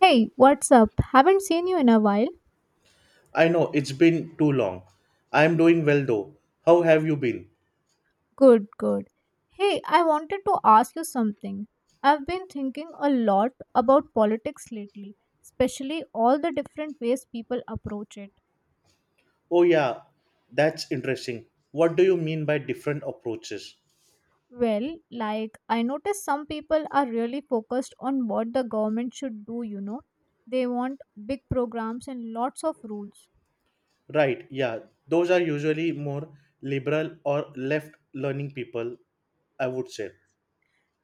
Hey, what's up? Haven't seen you in a while. I know, it's been too long. I'm doing well though. How have you been? Good, good. Hey, I wanted to ask you something. I've been thinking a lot about politics lately, especially all the different ways people approach it. Oh, yeah, that's interesting. What do you mean by different approaches? Well, like, I notice some people are really focused on what the government should do. They want big programs and lots of rules. Right, yeah, those are usually more liberal or left learning people, I would say.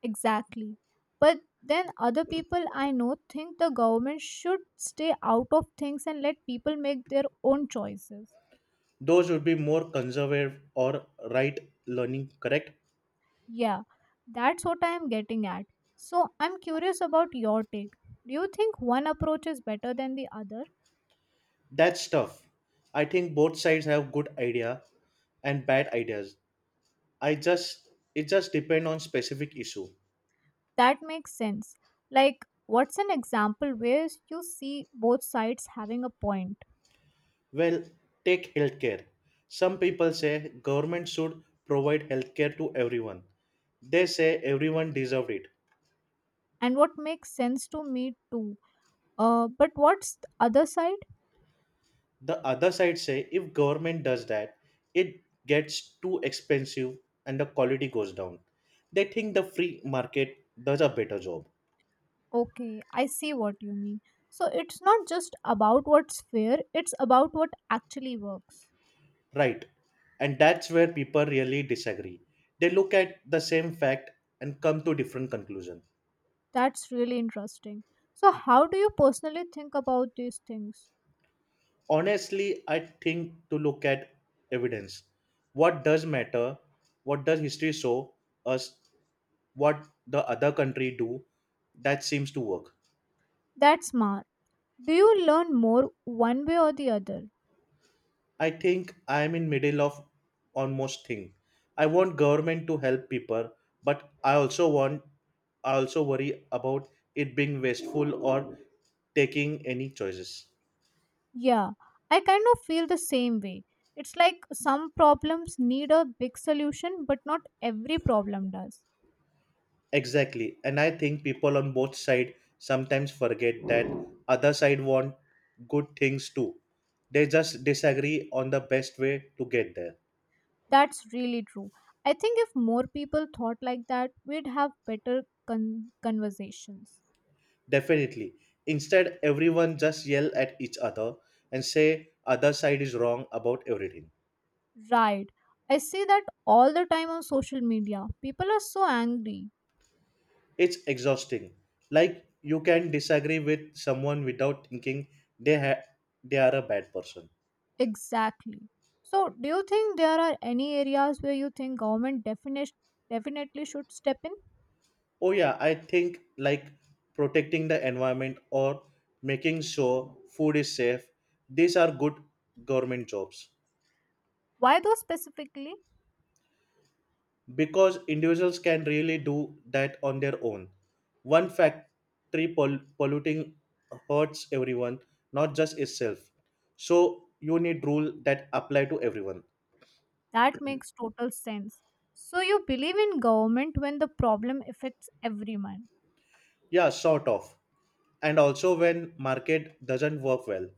Exactly. But then other people I know think the government should stay out of things and let people make their own choices. Those would be more conservative or right learning, correct? Yeah, that's what I am getting at. So I'm curious about your take. Do you think one approach is better than the other? That's tough. I think both sides have good idea and bad ideas. I just it just depend on specific issue. That makes sense. Like, what's an example where you see both sides having a point? Well, take healthcare. Some people say government should provide healthcare to everyone. They say everyone deserves it. And what makes sense to me too? But what's the other side? The other side say if government does that, it gets too expensive and the quality goes down. They think the free market does a better job. Okay, I see what you mean. So it's not just about what's fair, it's about what actually works. Right. And that's where people really disagree. They look at the same fact and come to different conclusions. That's really interesting. So, how do you personally think about these things? Honestly, I think to look at evidence, what does matter, what does history show us, what the other country do that seems to work. That's smart. Do you learn more one way or the other? I think I am in middle of almost thing. I want government to help people, but I also worry about it being wasteful or taking any choices. Yeah, I kind of feel the same way. It's like some problems need a big solution, but not every problem does. Exactly. And I think people on both sides sometimes forget that other side want good things too. They just disagree on the best way to get there. That's really true. I think if more people thought like that, we'd have better conversations. Definitely. Instead, everyone just yell at each other and say other side is wrong about everything. Right. I see that all the time on social media. People are so angry. It's exhausting. Like you can disagree with someone without thinking they ha- they are a bad person. Exactly. So, do you think there are any areas where you think government definitely should step in? Oh yeah, I think like protecting the environment or making sure food is safe, these are good government jobs Why though specifically? because individuals can really do that on their own. One factory polluting hurts everyone, not just itself. So you need rule that apply to everyone. That makes total sense. So, you believe in government when the problem affects everyone. Yeah, sort of. And also when market doesn't work well,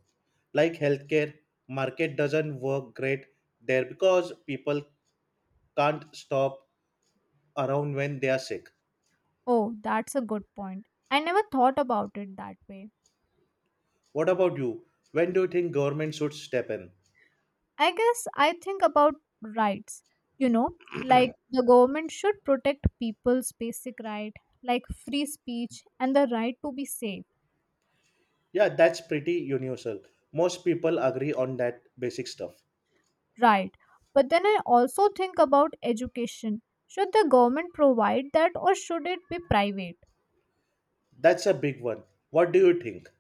like healthcare, market doesn't work great there because people can't stop around when they are sick. Oh, that's a good point. I never thought about it that way. What about you? When do you think government should step in? I guess I think about rights, you know, like the government should protect people's basic right, like free speech and the right to be safe, Yeah, that's pretty universal. Most people agree on that basic stuff. right? But then I also think about education. Should the government provide that or should it be private? That's a big one. What do you think?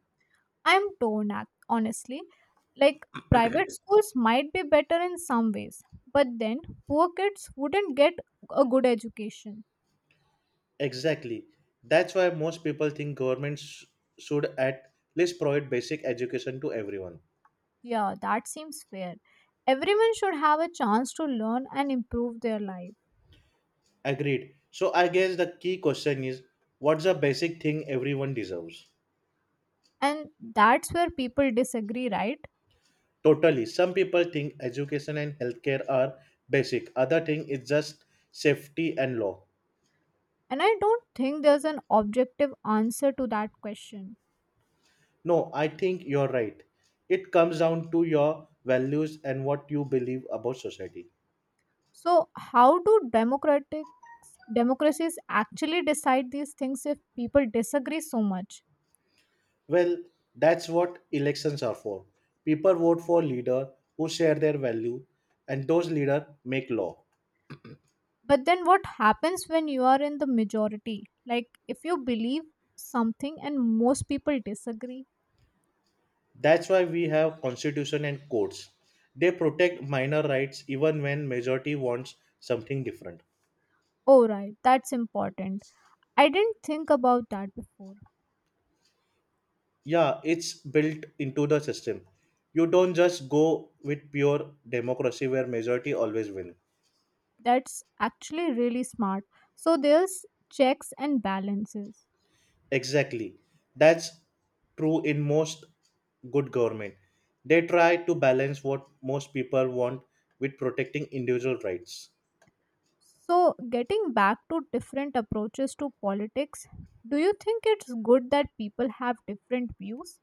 I'm torn, honestly. Like private schools might be better in some ways, but then poor kids wouldn't get a good education. Exactly. That's why most people think governments should at least provide basic education to everyone. Yeah, that seems fair. Everyone should have a chance to learn and improve their life. Agreed. So I guess the key question is what's a basic thing everyone deserves? And that's where people disagree, right? Totally. Some people think education and healthcare are basic. Other thing is just safety and law. And I don't think there's an objective answer to that question. No, I think you're right. It comes down to your values and what you believe about society. So, how do democratic democracies actually decide these things if people disagree so much? Well, that's what elections are for. People vote for leader who share their value and those leader make law. But then what happens when you are in the majority? Like if you believe something and most people disagree? That's why we have constitution and courts. They protect minor rights even when majority wants something different. Oh right, that's important. I didn't think about that before. Yeah, it's built into the system. You don't just go with pure democracy where majority always win. That's actually really smart. So there's checks and balances. Exactly. That's true in most good government. They try to balance what most people want with protecting individual rights. So getting back to different approaches to politics, do you think it's good that people have different views?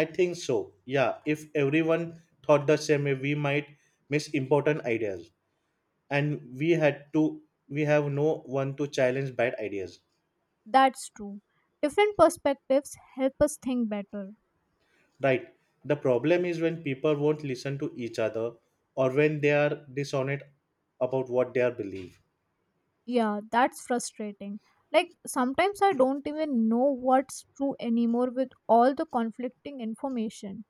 I think so, yeah. If everyone thought the same way, we might miss important ideas and we have no one to challenge bad ideas. That's true. Different perspectives help us think better. Right. The problem is when people won't listen to each other or when they are dishonest about what they are believe. Yeah, that's frustrating. Like sometimes I don't even know what's true anymore with all the conflicting information.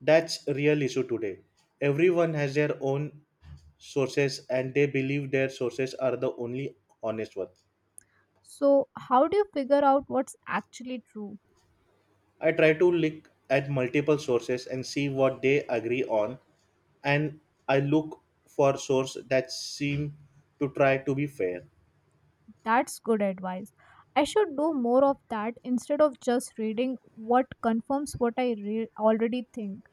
That's a real issue today. Everyone has their own sources and they believe their sources are the only honest one. So how do you figure out what's actually true? I try to look at multiple sources and see what they agree on, and I look for source that seem to try to be fair. That's good advice. I should do more of that instead of just reading what confirms what I already think.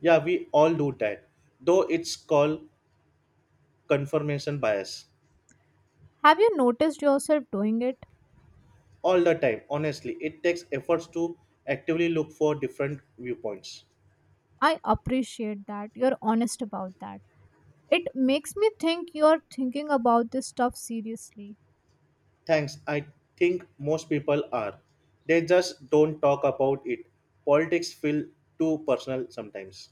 Yeah, we all do that. Though it's called confirmation bias. Have you noticed yourself doing it? All the time, honestly. It takes efforts to actively look for different viewpoints. I appreciate that. You're honest about that. It makes me think you're thinking about this stuff seriously. Thanks. I think most people are, they just don't talk about it. Politics feel too personal sometimes.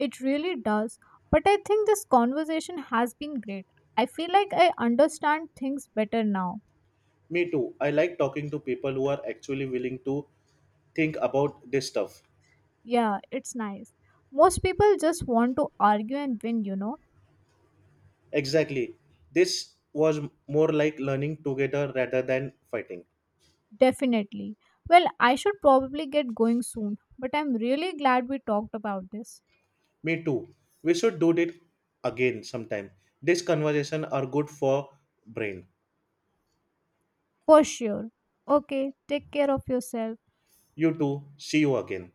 It really does. But I think this conversation has been great. I feel like I understand things better now. Me too. I like talking to people who are actually willing to think about this stuff. Yeah, it's nice. Most people just want to argue and win. Exactly. this was more like learning together rather than fighting. Definitely. Well, I should probably get going soon, but I'm really glad we talked about this. Me too. We should do it again sometime. This conversation are good for brain. For sure. Okay, take care of yourself. You too. See you again.